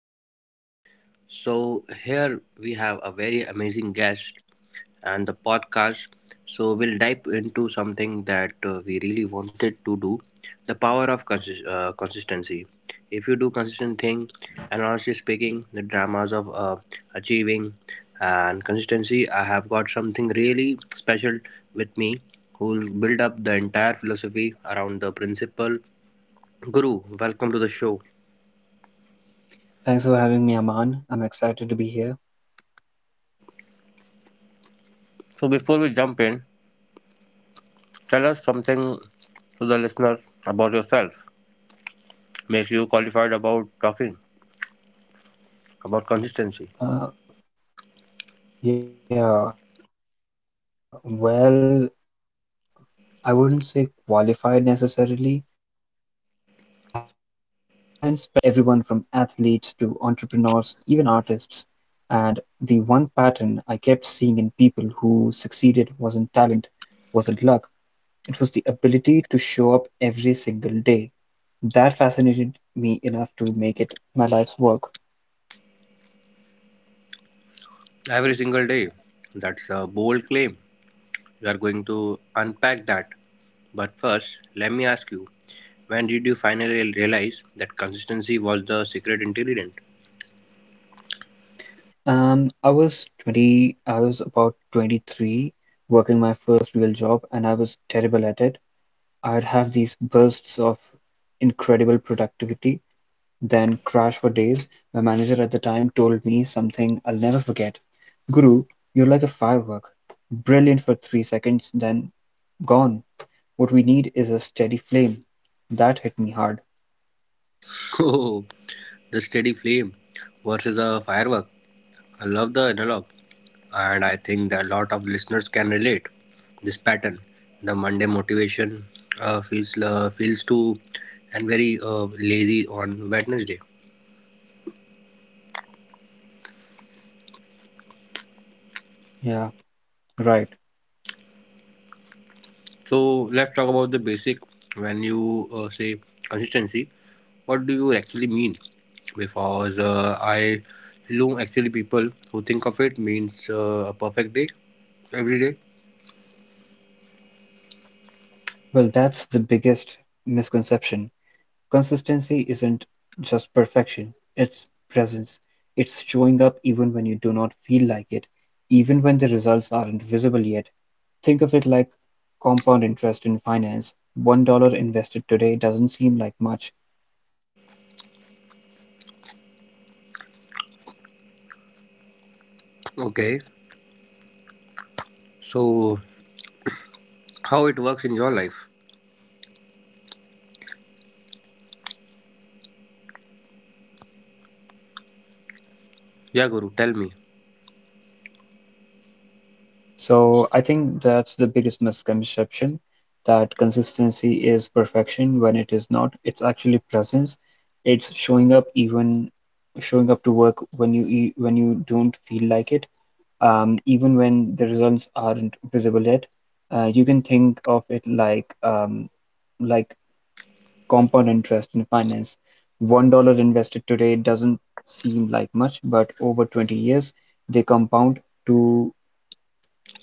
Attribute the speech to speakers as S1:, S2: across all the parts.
S1: the channel. So, here we have a very amazing guest and the podcast. So, we'll dive into something that we really wanted to do the power of consistency. If you do consistent thing, and honestly speaking, the dramas of achieving and consistency, I have got something really special with me who will build up the entire philosophy around the principle. Guru, welcome to the show.
S2: Thanks for having me, Aman. I'm excited to be here.
S1: So, before we jump in, tell us something to the listeners about yourself. Makes you qualified about talking, about consistency.
S2: Uh, yeah, well, I wouldn't say qualified necessarily, but I hadn't spent the last 15 years studying human behavior, working with everyone from athletes to entrepreneurs, even artists. And the one pattern I kept seeing in people who succeeded wasn't talent, wasn't luck, it was the ability to show up every single day. That fascinated me enough to make it my life's work.
S1: Every single day. That's a bold claim. We are going to unpack that. But first, let me ask you, when did you finally realize that consistency was the secret ingredient?
S2: I was about 23, working my first real job, and I was terrible at it. I'd have these bursts of incredible productivity, then crash for days. My manager at the time told me something I'll never forget. Guru, you're like a firework, brilliant for 3 seconds, then gone. What we need is a steady flame. That hit me hard.
S1: Oh, the steady flame versus a firework. I love the analog, and I think that a lot of listeners can relate this pattern. The Monday motivation feels too and very lazy on Wednesday.
S2: Yeah, right.
S1: So let's talk about the basic. When you say consistency, what do you actually mean? Because I know actually people who think of it means a perfect day every day.
S2: Well, that's the biggest misconception. Consistency isn't just perfection, it's presence, it's showing up even when you do not feel like it, even when the results aren't visible yet. Think of it like compound interest in finance. $1 invested today doesn't seem like much, but over 20 years, that's wealth. Consistency is compound interest for your
S1: Okay,
S2: life.
S1: so, how it works in your life? Yeah, Guru, tell me.
S2: So I think that's the biggest misconception that consistency is perfection when it is not. It's actually presence. It's showing up, even showing up to work when you don't feel like it, even when the results aren't visible yet. You can think of it like compound interest in finance. $1 invested today doesn't seem like much, but over 20 years they compound to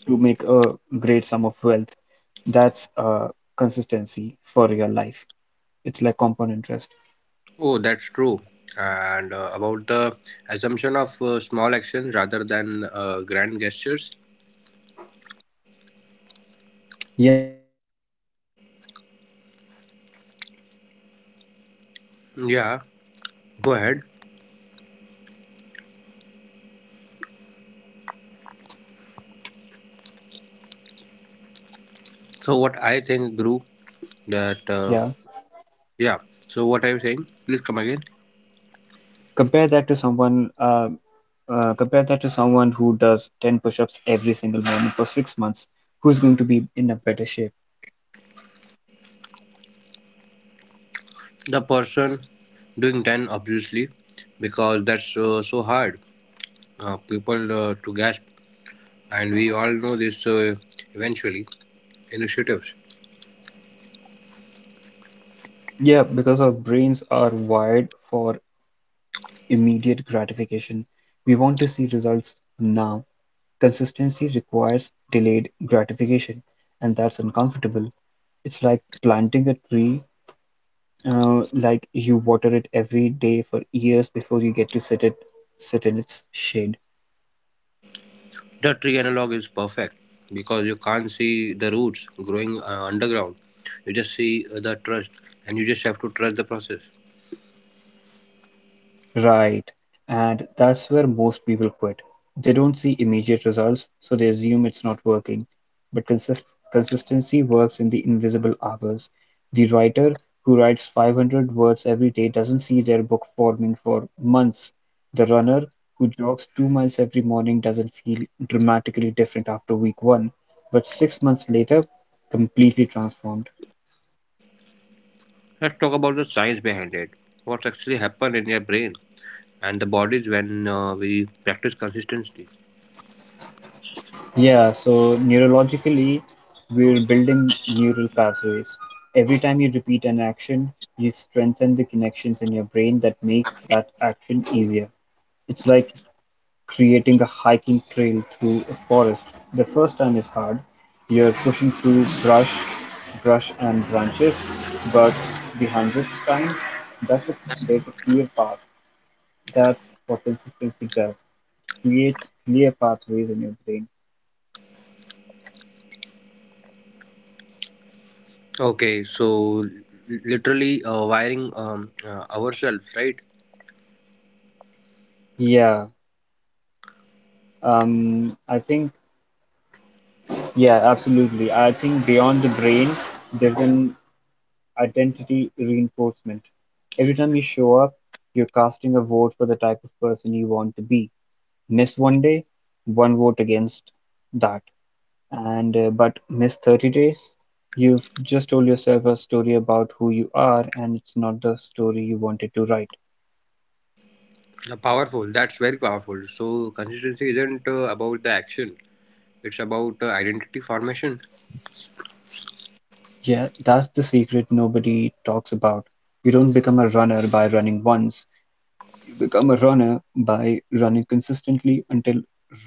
S2: to make a great sum of wealth. That's consistency for your life. It's like compound interest.
S1: Oh, that's true. And about the assumption of small action rather than grand gestures.
S2: Yeah, exactly. Look, I can do a hundred. Look, I can do a
S1: Yeah,
S2: hundred
S1: go
S2: push-ups
S1: ahead.
S2: right now and feel amazing about myself. But if I never do another push-up for 6 months, what
S1: So,
S2: have I
S1: what I
S2: really
S1: think, Guru,
S2: accomplished?
S1: that, uh,
S2: Yeah.
S1: yeah, so what I'm saying, please come again.
S2: Compare that to someone uh, Compare that to someone who does 10 push-ups every single morning for 6 months. Who's going to be in a better shape?
S1: The person doing 10, obviously, because that's so hard. People to gasp, and we all know this eventually. Initiatives.
S2: Yeah, because our brains are wired for immediate gratification. We want to see results now. Consistency requires delayed gratification, and that's uncomfortable. It's like planting a tree. Like you water it every day for years before you get to sit in its shade.
S1: The tree analog is perfect because you can't see the roots growing underground. You just see the trust, and you just have to trust the process.
S2: Right. And that's where most people quit. They don't see immediate results, so they assume it's not working. But consistency works in the invisible hours. The writer who writes 500 words every day doesn't see their book forming for months. The runner who jogs 2 miles every morning doesn't feel dramatically different after week one, but 6 months later, completely transformed.
S1: Let's talk about the science behind it. What actually happens in your brain and the bodies when we practice consistency.
S2: Yeah, so neurologically, we're building neural pathways. Every time you repeat an action, you strengthen the connections in your brain that make that action easier. It's like creating a hiking trail through a forest. The first time is hard. You're pushing through brush and branches, but the hundredth time, that's a, there's a clear path. That's what consistency does. Creates clear pathways in your brain.
S1: Okay, so literally wiring ourselves, right?
S2: Yeah. I think, yeah, absolutely. I think beyond the brain, there's an identity reinforcement. Every time you show up, you're casting a vote for the type of person you want to be. Miss one day, one vote against that. And but miss 30 days, you've just told yourself a story about who you are, and it's not the story you wanted to write.
S1: The powerful. That's very powerful. So consistency isn't about the action. It's about identity formation.
S2: Yeah, that's the secret nobody talks about. You don't become a runner by running once. Become a runner by running consistently until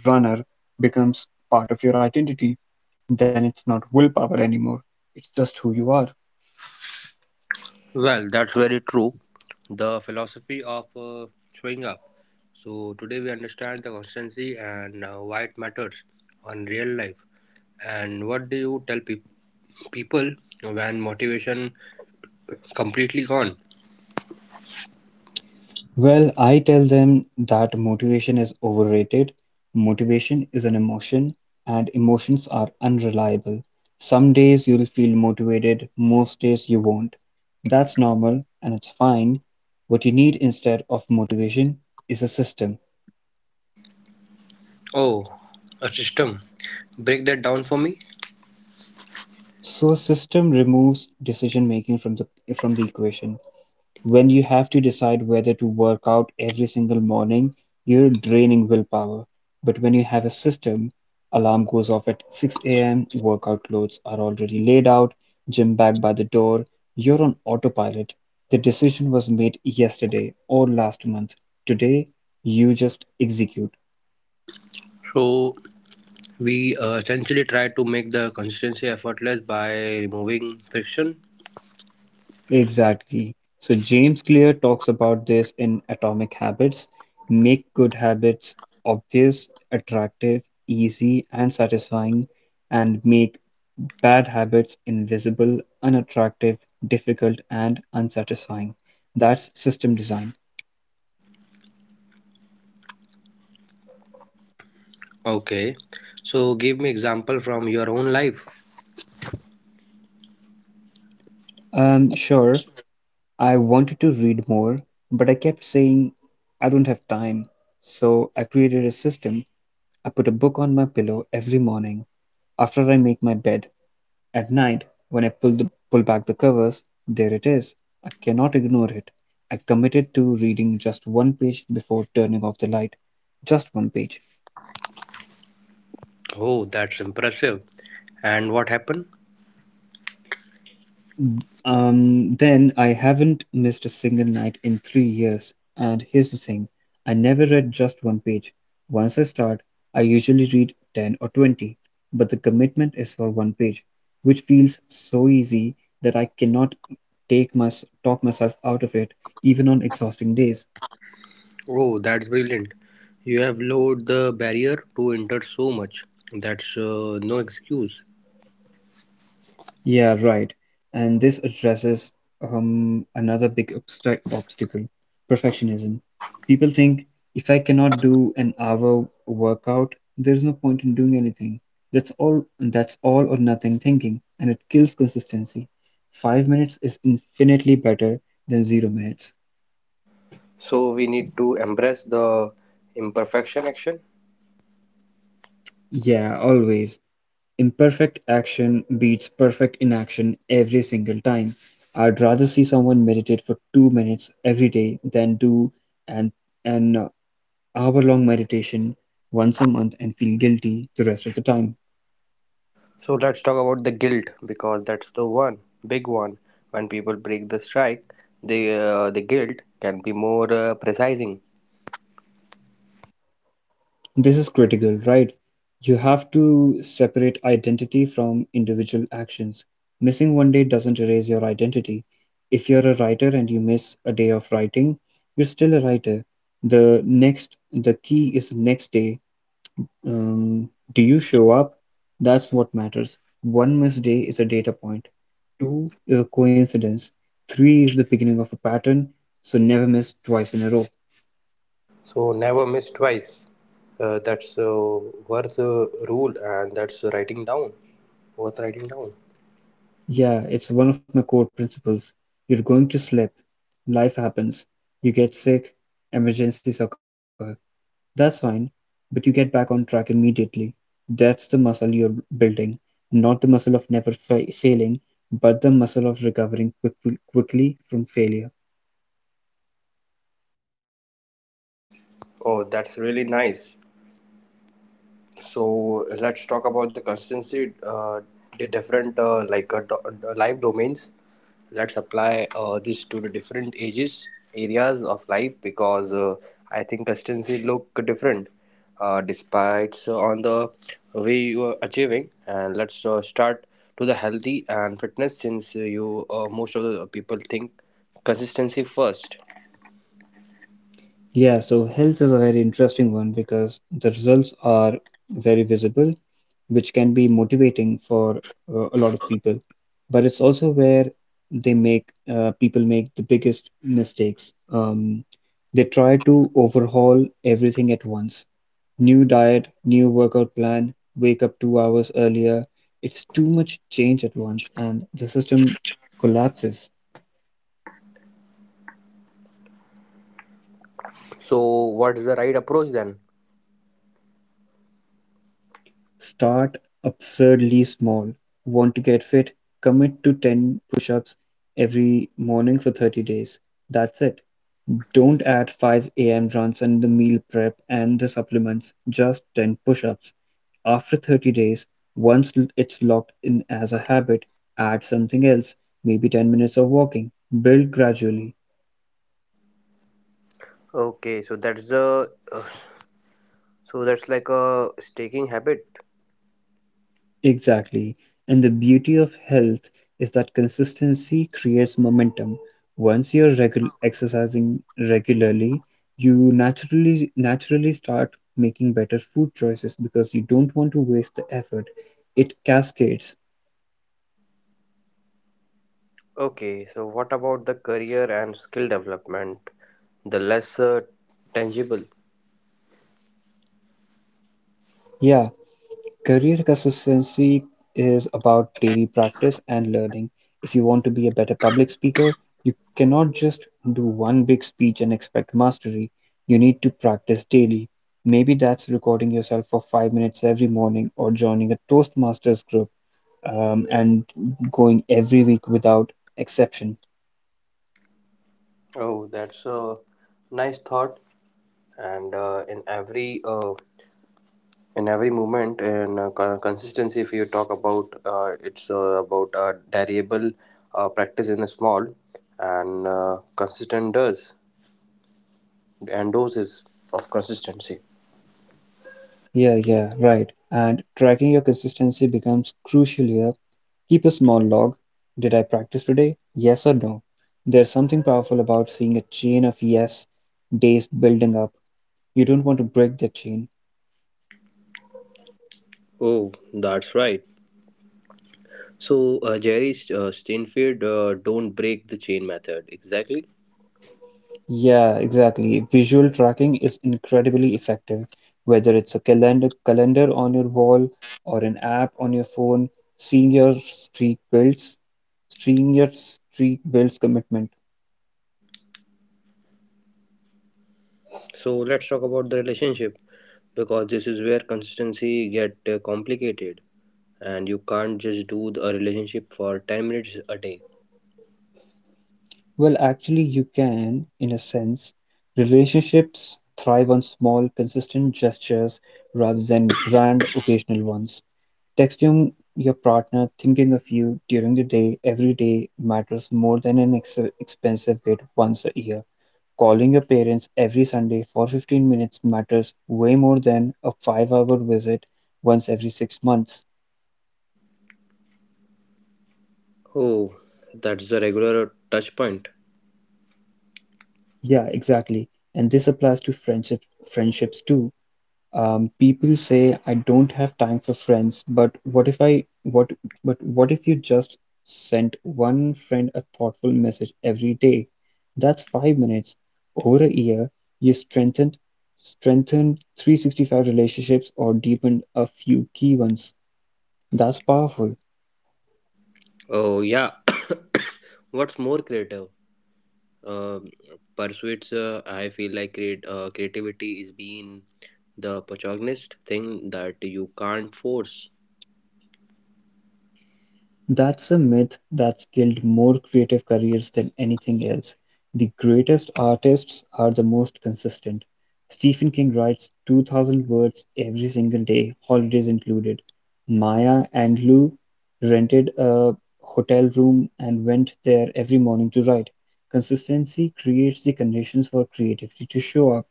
S2: runner becomes part of your identity. Then it's not willpower anymore, it's just who you are.
S1: Well, that's very true. The philosophy of showing up. So, today we understand the constancy and why it matters on real life. And what do you tell people when motivation completely gone?
S2: Well, I tell them that motivation is overrated. Motivation is an emotion, and emotions are unreliable. Some days you'll feel motivated, most days you won't. That's normal and it's fine. What you need instead of motivation is a system.
S1: Oh, a system. Break that down for me.
S2: So a system removes decision-making from the equation. When you have to decide whether to work out every single morning, you're draining willpower. But when you have a system, alarm goes off at 6 a.m., workout clothes are already laid out, gym bag by the door, you're on autopilot. The decision was made yesterday or last month. Today, you just execute.
S1: So, we essentially try to make the consistency effortless by removing friction.
S2: Exactly. So James Clear talks about this in Atomic Habits. Make good habits obvious, attractive, easy, and satisfying, and make bad habits invisible, unattractive, difficult, and unsatisfying. That's system design.
S1: Okay. So, give me example from your own life.
S2: Sure, I wanted to read more, but I kept saying I don't have time. So I created a system. I put a book on my pillow every morning after I make my bed. At night, when I pull back the covers, there it is. I cannot ignore it. I committed to reading just one page before turning off the light. Just one page.
S1: Oh, that's impressive. And what happened?
S2: Then I haven't missed a single night in 3 years. And here's the thing, I never read just one page. Once I start, I usually read 10 or 20, but the commitment is for one page, which feels so easy that I cannot take my talk myself out of it even on exhausting days.
S1: Oh, that's brilliant. You have lowered the barrier to enter so much. That's no excuse.
S2: Yeah, right. And this addresses another big obstacle, perfectionism. People think if I cannot do an hour workout, there's no point in doing anything. That's all or nothing thinking, and it kills consistency. 5 minutes is infinitely better than 0 minutes.
S1: So we need to embrace the imperfection action.
S2: Yeah, always. Imperfect action beats perfect inaction every single time. I'd rather see someone meditate for 2 minutes every day than do an an hour-long meditation once a month and feel guilty the rest of the time.
S1: So let's talk about the guilt because that's the one big one. When people break the strike, the guilt can be more precising.
S2: This is critical, right? You have to separate identity from individual actions. Missing one day doesn't erase your identity. If you're a writer and you miss a day of writing, you're still a writer. The key is next day. Do you show up? That's what matters. One missed day is a data point, two is a coincidence, three is the beginning of a pattern, so never miss twice in a row.
S1: So never miss twice. That's worth rule and that's writing down. Worth writing down.
S2: Yeah, it's one of my core principles. You're going to slip, life happens, you get sick, emergencies occur. That's fine, but you get back on track immediately. That's the muscle you're building, not the muscle of never failing, but the muscle of recovering quickly from failure.
S1: Oh, that's really nice. So let's talk about the consistency, the different life domains. Let's apply this to the different ages, areas of life because I think consistency look different, despite so on the way you are achieving. And let's start to the healthy and fitness since you most of the people think consistency first.
S2: Yeah, so health is a very interesting one because the results are very visible, which can be motivating for a lot of people. But it's also where they make people make the biggest mistakes. They try to overhaul everything at once. New diet, new workout plan, wake up 2 hours earlier. It's too much change at once, and the system collapses.
S1: So what's the right approach then?
S2: Start absurdly small. Want to get fit, commit to ten push-ups every morning for 30 days, that's it. Don't add 5 a.m. runs and the meal prep and the supplements, just 10 push-ups. After 30 days, once it's locked in as a habit, add something else, maybe 10 minutes of walking. Build gradually.
S1: Okay, so that's the uh, So that's like a staking habit.
S2: Exactly, and the beauty of health is that consistency creates momentum. Once you're exercising regularly, you naturally start making better food choices because you don't want to waste the effort. It cascades.
S1: Okay, so what about the career and skill development? The less tangible.
S2: Yeah, career consistency is about daily practice and learning. If you want to be a better public speaker, you cannot just do one big speech and expect mastery. You need to practice daily. Maybe that's recording yourself for 5 minutes every morning, or joining a Toastmasters group and going every week without exception.
S1: Oh, that's a nice thought. And in every movement in consistency, if you talk about it's about variable practice in a small and consistent does and doses of consistency.
S2: Yeah, yeah, right. And tracking your consistency becomes crucial here. Keep a small log. Did I practice today? Yes or no? There's something powerful about seeing a chain of yes days building up. You don't want to break that chain.
S1: Oh, that's right. So, Jerry Steinfeld, don't break the chain method. Exactly.
S2: Yeah, exactly. Visual tracking is incredibly effective, whether it's a calendar on your wall or an app on your phone. Seeing seeing your streak builds commitment.
S1: So, let's talk about the relationship because this is where consistency get complicated and you can't just do a relationship for 10 minutes a day.
S2: Well, actually, you can, in a sense. Relationships thrive on small, consistent gestures rather than grand, occasional ones. Texting your partner thinking of you during the day, every day, matters more than an expensive gift once a year. Calling your parents every Sunday for 15 minutes matters way more than a 5-hour visit once every 6 months.
S1: Oh, that's the regular touch point.
S2: Yeah, exactly. And this applies to friendships too. People say I don't have time for friends, but what if I what but what if you just sent one friend a thoughtful message every day? That's 5 minutes. Over a year, you strengthened 365 relationships or deepened a few key ones. That's powerful.
S1: Oh, yeah. What's more creative? Um, pursuits, I feel like creativity is being the protagonist thing that you can't force.
S2: That's a myth that's killed more creative careers than anything else. The greatest artists are the most consistent. Stephen King writes 2,000 words every single day, holidays included. Maya and Lou rented a hotel room and went there every morning to write. Consistency creates the conditions for creativity to show up.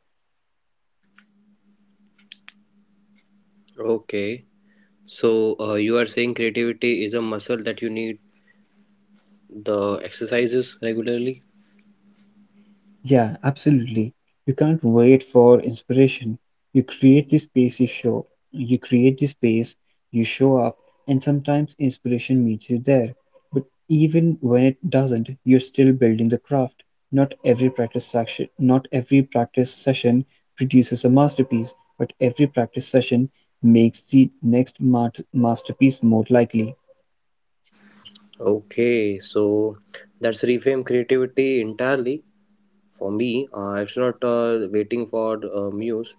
S1: Okay, so you are saying creativity is a muscle that you need the exercises regularly.
S2: Yeah, absolutely. You can't wait for inspiration. You create the space, you show up, and sometimes inspiration meets you there. But even when it doesn't, you're still building the craft. Not every practice session produces a masterpiece, but every practice session makes the next masterpiece more likely.
S1: Okay, so that's reframe creativity entirely for me. It's not waiting for muse.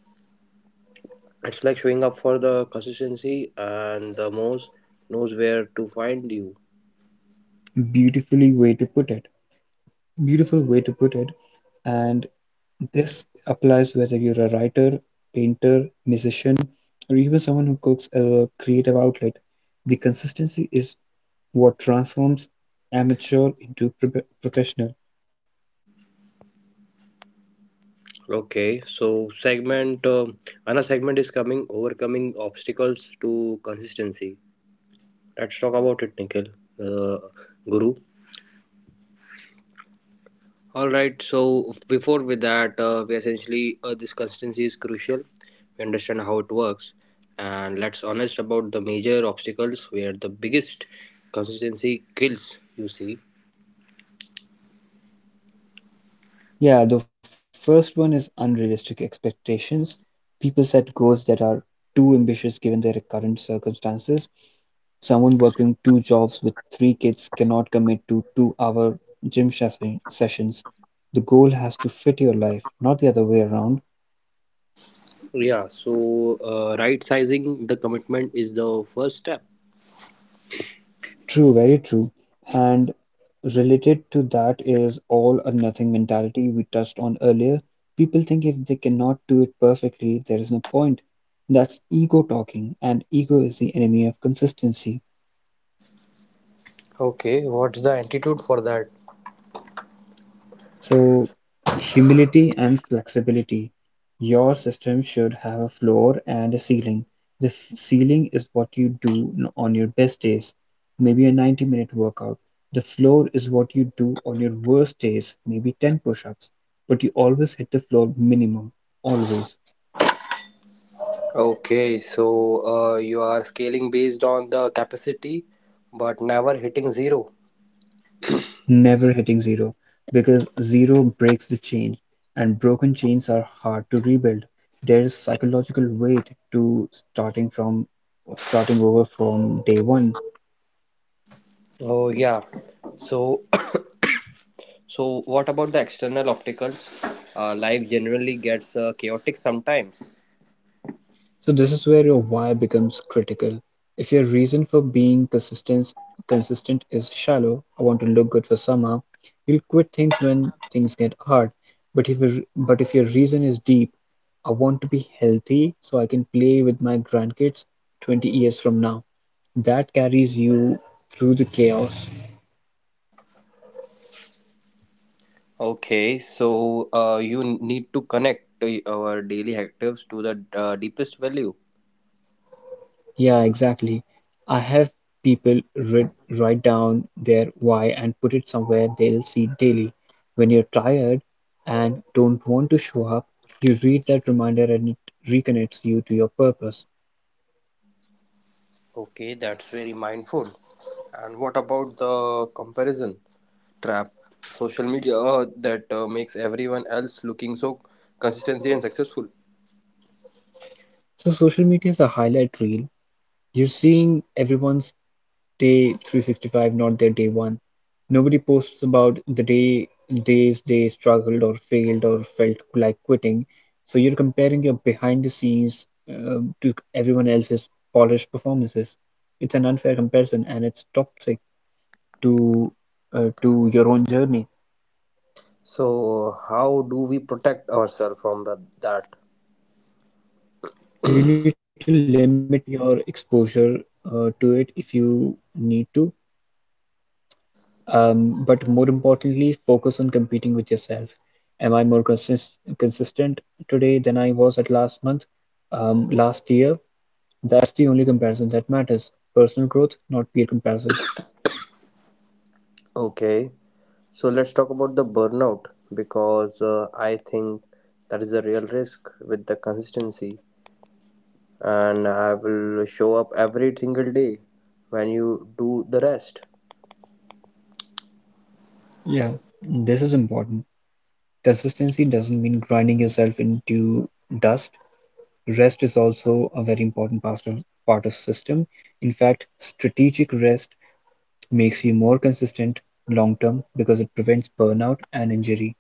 S1: It's like showing up for the consistency, and the muse knows where to find you.
S2: Beautifully way to put it. Beautiful way to put it. And this applies whether you're a writer, painter, musician, or even someone who cooks as a creative outlet. The consistency is what transforms amateur into professional.
S1: Okay, so segment another segment is coming overcoming obstacles to consistency. Let's talk about it, Nikhil, uh, Guru. All right. So before with that, we essentially this consistency is crucial. We understand how it works, and let's honest about the major obstacles where the biggest consistency kills. You see,
S2: Yeah, the first one is unrealistic expectations. People set goals that are too ambitious given their current circumstances. Someone working two jobs with three kids cannot commit to 2 hour gym shes- sessions. The goal has to fit your life, not the other way around.
S1: yeah. So right sizing the commitment is the first step.
S2: True, very true. And related to that is all or nothing mentality we touched on earlier. People think if they cannot do it perfectly, there is no point. That's ego talking, and ego is the enemy of consistency.
S1: Okay, what's the antidote for that?
S2: So, humility and flexibility. Your system should have a floor and a ceiling. The ceiling is what you do on your best days, maybe a 90-minute workout. The floor is what you do on your worst days, maybe 10 push ups. But you always hit the floor minimum, always.
S1: Okay, so you are scaling based on the capacity, but never hitting zero.
S2: Never hitting zero because zero breaks the chain and broken chains are hard to rebuild. There's psychological weight to starting over from day one.
S1: Oh, yeah. Yeah. So. So, what about the external obstacles? Life generally gets chaotic sometimes.
S2: So this is where your why becomes critical. If your reason for being consistent is shallow, I want to look good for summer, you'll quit things when things get hard. But if your reason is deep, I want to be healthy so I can play with my grandkids 20 years from now. That carries you through the chaos.
S1: Okay, so you need to connect to our daily actives to the deepest value.
S2: Yeah, exactly. I have people writ write down their why and put it somewhere they'll see daily. When you're tired and don't want to show up, you read that reminder and it reconnects you to your purpose.
S1: Okay, that's very mindful. And what about the comparison trap? Social media that makes everyone else looking so consistency and successful.
S2: So social media is a highlight reel. You're seeing everyone's day 365, not their day one. Nobody posts about the days they struggled or failed or felt like quitting. So you're comparing your behind the scenes to everyone else's polished performances. It's an unfair comparison and it's toxic to to your own journey.
S1: So, how do we protect ourselves from the, that?
S2: You need to limit your exposure to it if you need to. But more importantly, focus on competing with yourself. Am I more consistent today than I was at last month, last year? That's the only comparison that matters. Personal growth, not peer comparison.
S1: Okay. So let's talk about the burnout because I think that is a real risk with the consistency. And I will show up every single day when you do the rest.
S2: Yeah, this is important. Consistency doesn't mean grinding yourself into dust. Rest is also a very important part of system. In fact, strategic rest makes you more consistent long term because it prevents burnout and injury.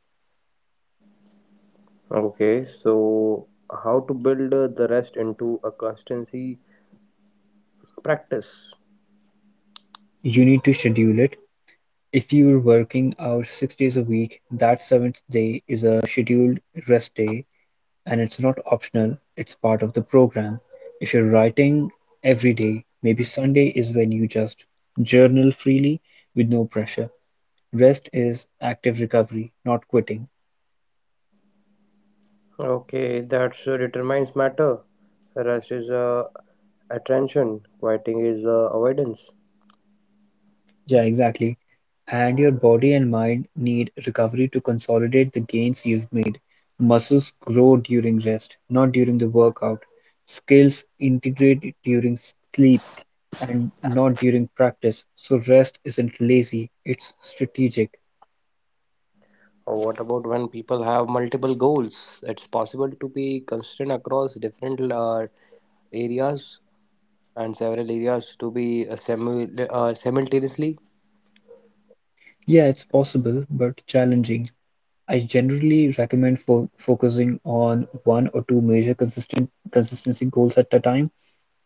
S1: Okay, so how to build the rest into a consistency practice?
S2: You need to schedule it. If you're working out 6 days a week, that seventh day is a scheduled rest day, and it's not optional, it's part of the program. If you're writing every day, maybe Sunday is when you just journal freely with no pressure. Rest is active recovery, not quitting.
S1: Okay, that's determines matter. Rest is attention, quieting is avoidance.
S2: Yeah, exactly. And your body and mind need recovery to consolidate the gains you've made. Muscles grow during rest, not during the workout. Skills integrate during sleep and not during practice. So rest isn't lazy, it's strategic.
S1: Or what about when people have multiple goals? It's possible to be consistent across different areas and several areas to be simultaneously.
S2: Yeah, it's possible, but challenging. I generally recommend fo focusing on one or two major consistent consistency goals at a time.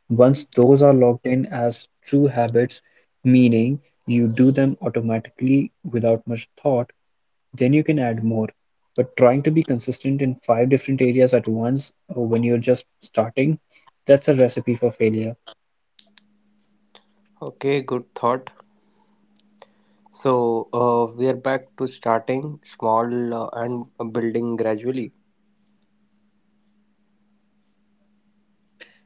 S2: Once those are logged in as true habits, meaning you do them automatically without much thought, then you can add more. But trying to be consistent in five different areas at once or when you're just starting, that's a recipe for failure.
S1: Okay, good thought. So we are back to starting small and building gradually.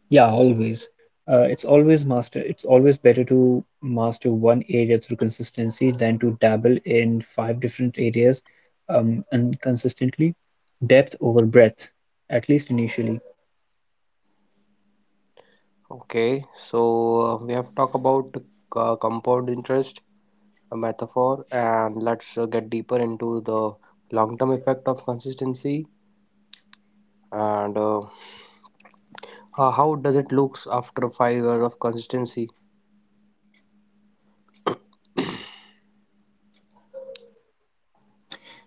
S2: Yeah, always. It's always better to master one area through consistency than to dabble in five different areas and consistently. Depth over breadth, at least initially.
S1: Okay, so we have talked about compound interest, a metaphor, and let's get deeper into the long term effect of consistency and how does it looks after 5 years of consistency?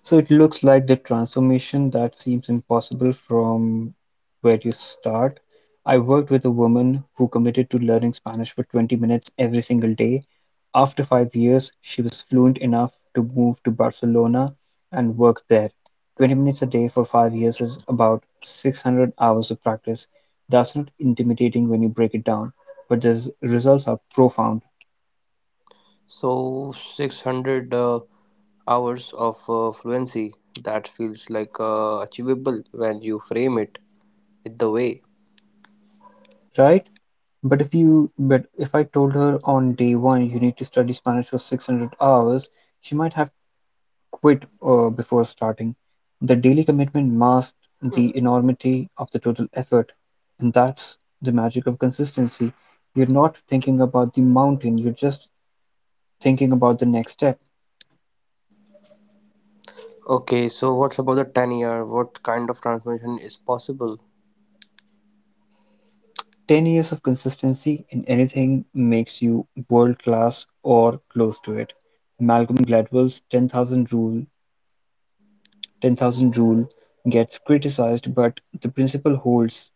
S2: So it looks like the transformation that seems impossible from where you start. I worked with a woman who committed to learning Spanish for 20 minutes every single day. After 5 years, she was fluent enough to move to Barcelona and work there. 20 minutes a day for 5 years is about 600 hours of practice. That's not intimidating when you break it down, but the results are profound,
S1: So 600 hours of fluency that feels like achievable when you frame it with the way.
S2: right? But if I told her on day one you need to study Spanish for 600 hours, she might have quit before starting. The daily commitment masked the enormity of the total effort, and that's the magic of consistency. You're not thinking about the mountain, you're just thinking about the next step.
S1: Okay, so what's about the 10 year? What kind of transformation is possible?
S2: 10 years of consistency in anything makes you world class or close to it. Malcolm Gladwell's 10,000 rule 10,000 rule gets criticized but the principle holds.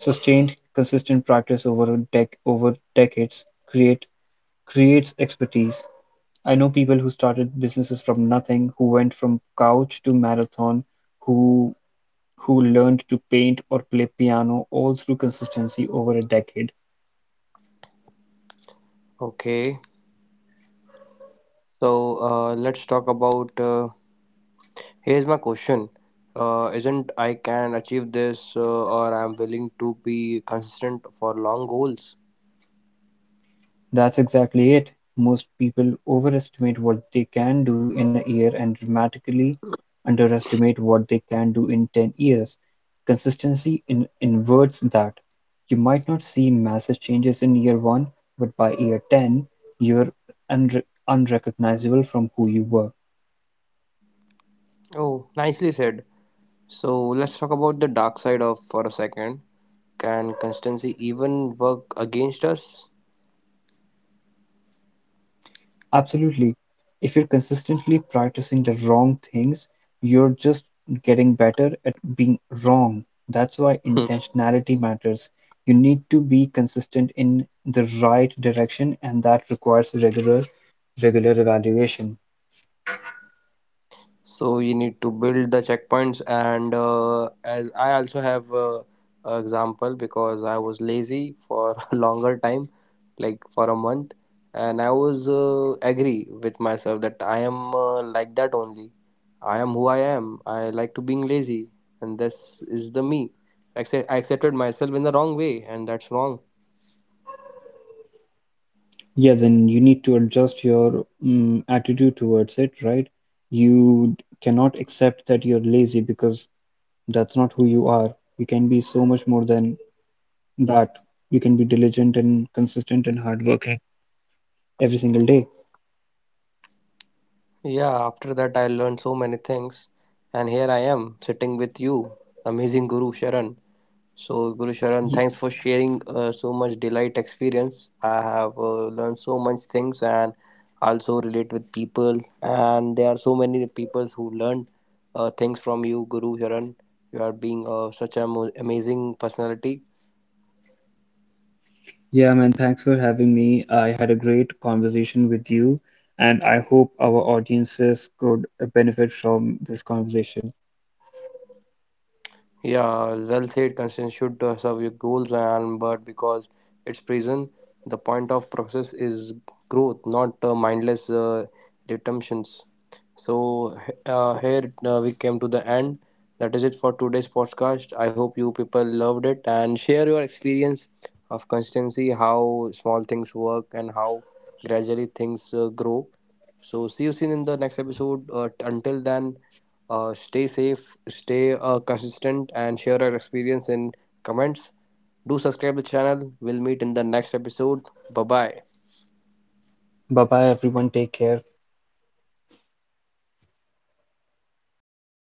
S2: Sustained, consistent practice over a over decades creates expertise. I know people who started businesses from nothing, who went from couch to marathon, who who learned to paint or play piano all through consistency over a decade.
S1: Okay, so let's talk about. Here's my question. Isn't I can achieve this or I'm willing to be consistent for long goals?
S2: That's exactly it. Most people overestimate what they can do in a year and dramatically underestimate what they can do in 10 years. Consistency in inverts that. You might not see massive changes in year 1, but by year 10, you're unrecognizable from who you were.
S1: Oh, nicely said. So let's talk about the dark side of for a second. Can consistency even work against us?
S2: Absolutely. If you're consistently practicing the wrong things, you're just getting better at being wrong. That's why
S1: Hmm.
S2: intentionality matters. You need to be consistent in the right direction, and that requires regular evaluation.
S1: So you need to build the checkpoints and as I also have a example because I was lazy for a longer time like for a month and I was agree with myself that I am like that only, I am who I am, I like to being lazy and this is the me. I accepted myself in the wrong way and that's wrong.
S2: Yeah, then you need to adjust your attitude towards it, right? You cannot accept that you're lazy because that's not who you are. You can be so much more than that. You can be diligent and consistent and hardworking every single day.
S1: Yeah, after that, I learned so many things. And here I am sitting with you, amazing Guru Sharan. So, Guru Sharan, thanks for sharing so much delight experience. I have learned so much things and also relate with people. And there are so many people who learned things from you, Guru Sharan. You are being such an amazing personality.
S2: Yeah, man, thanks for having me. I had a great conversation with you, and I hope our audiences could benefit from this conversation.
S1: Yeah, well said. Consent should serve your goals, and but because it's prison, the point of process is growth, not mindless redemptions. So here we came to the end. That is it for today's podcast. I hope you people loved it and share your experience of constancy, how small things work, and how gradually things grow. So see you soon in the next episode. Until then, stay safe, stay consistent, and share your experience in comments. Do subscribe the channel. We'll meet in the next episode. Bye bye.
S2: Bye bye, everyone. Take care.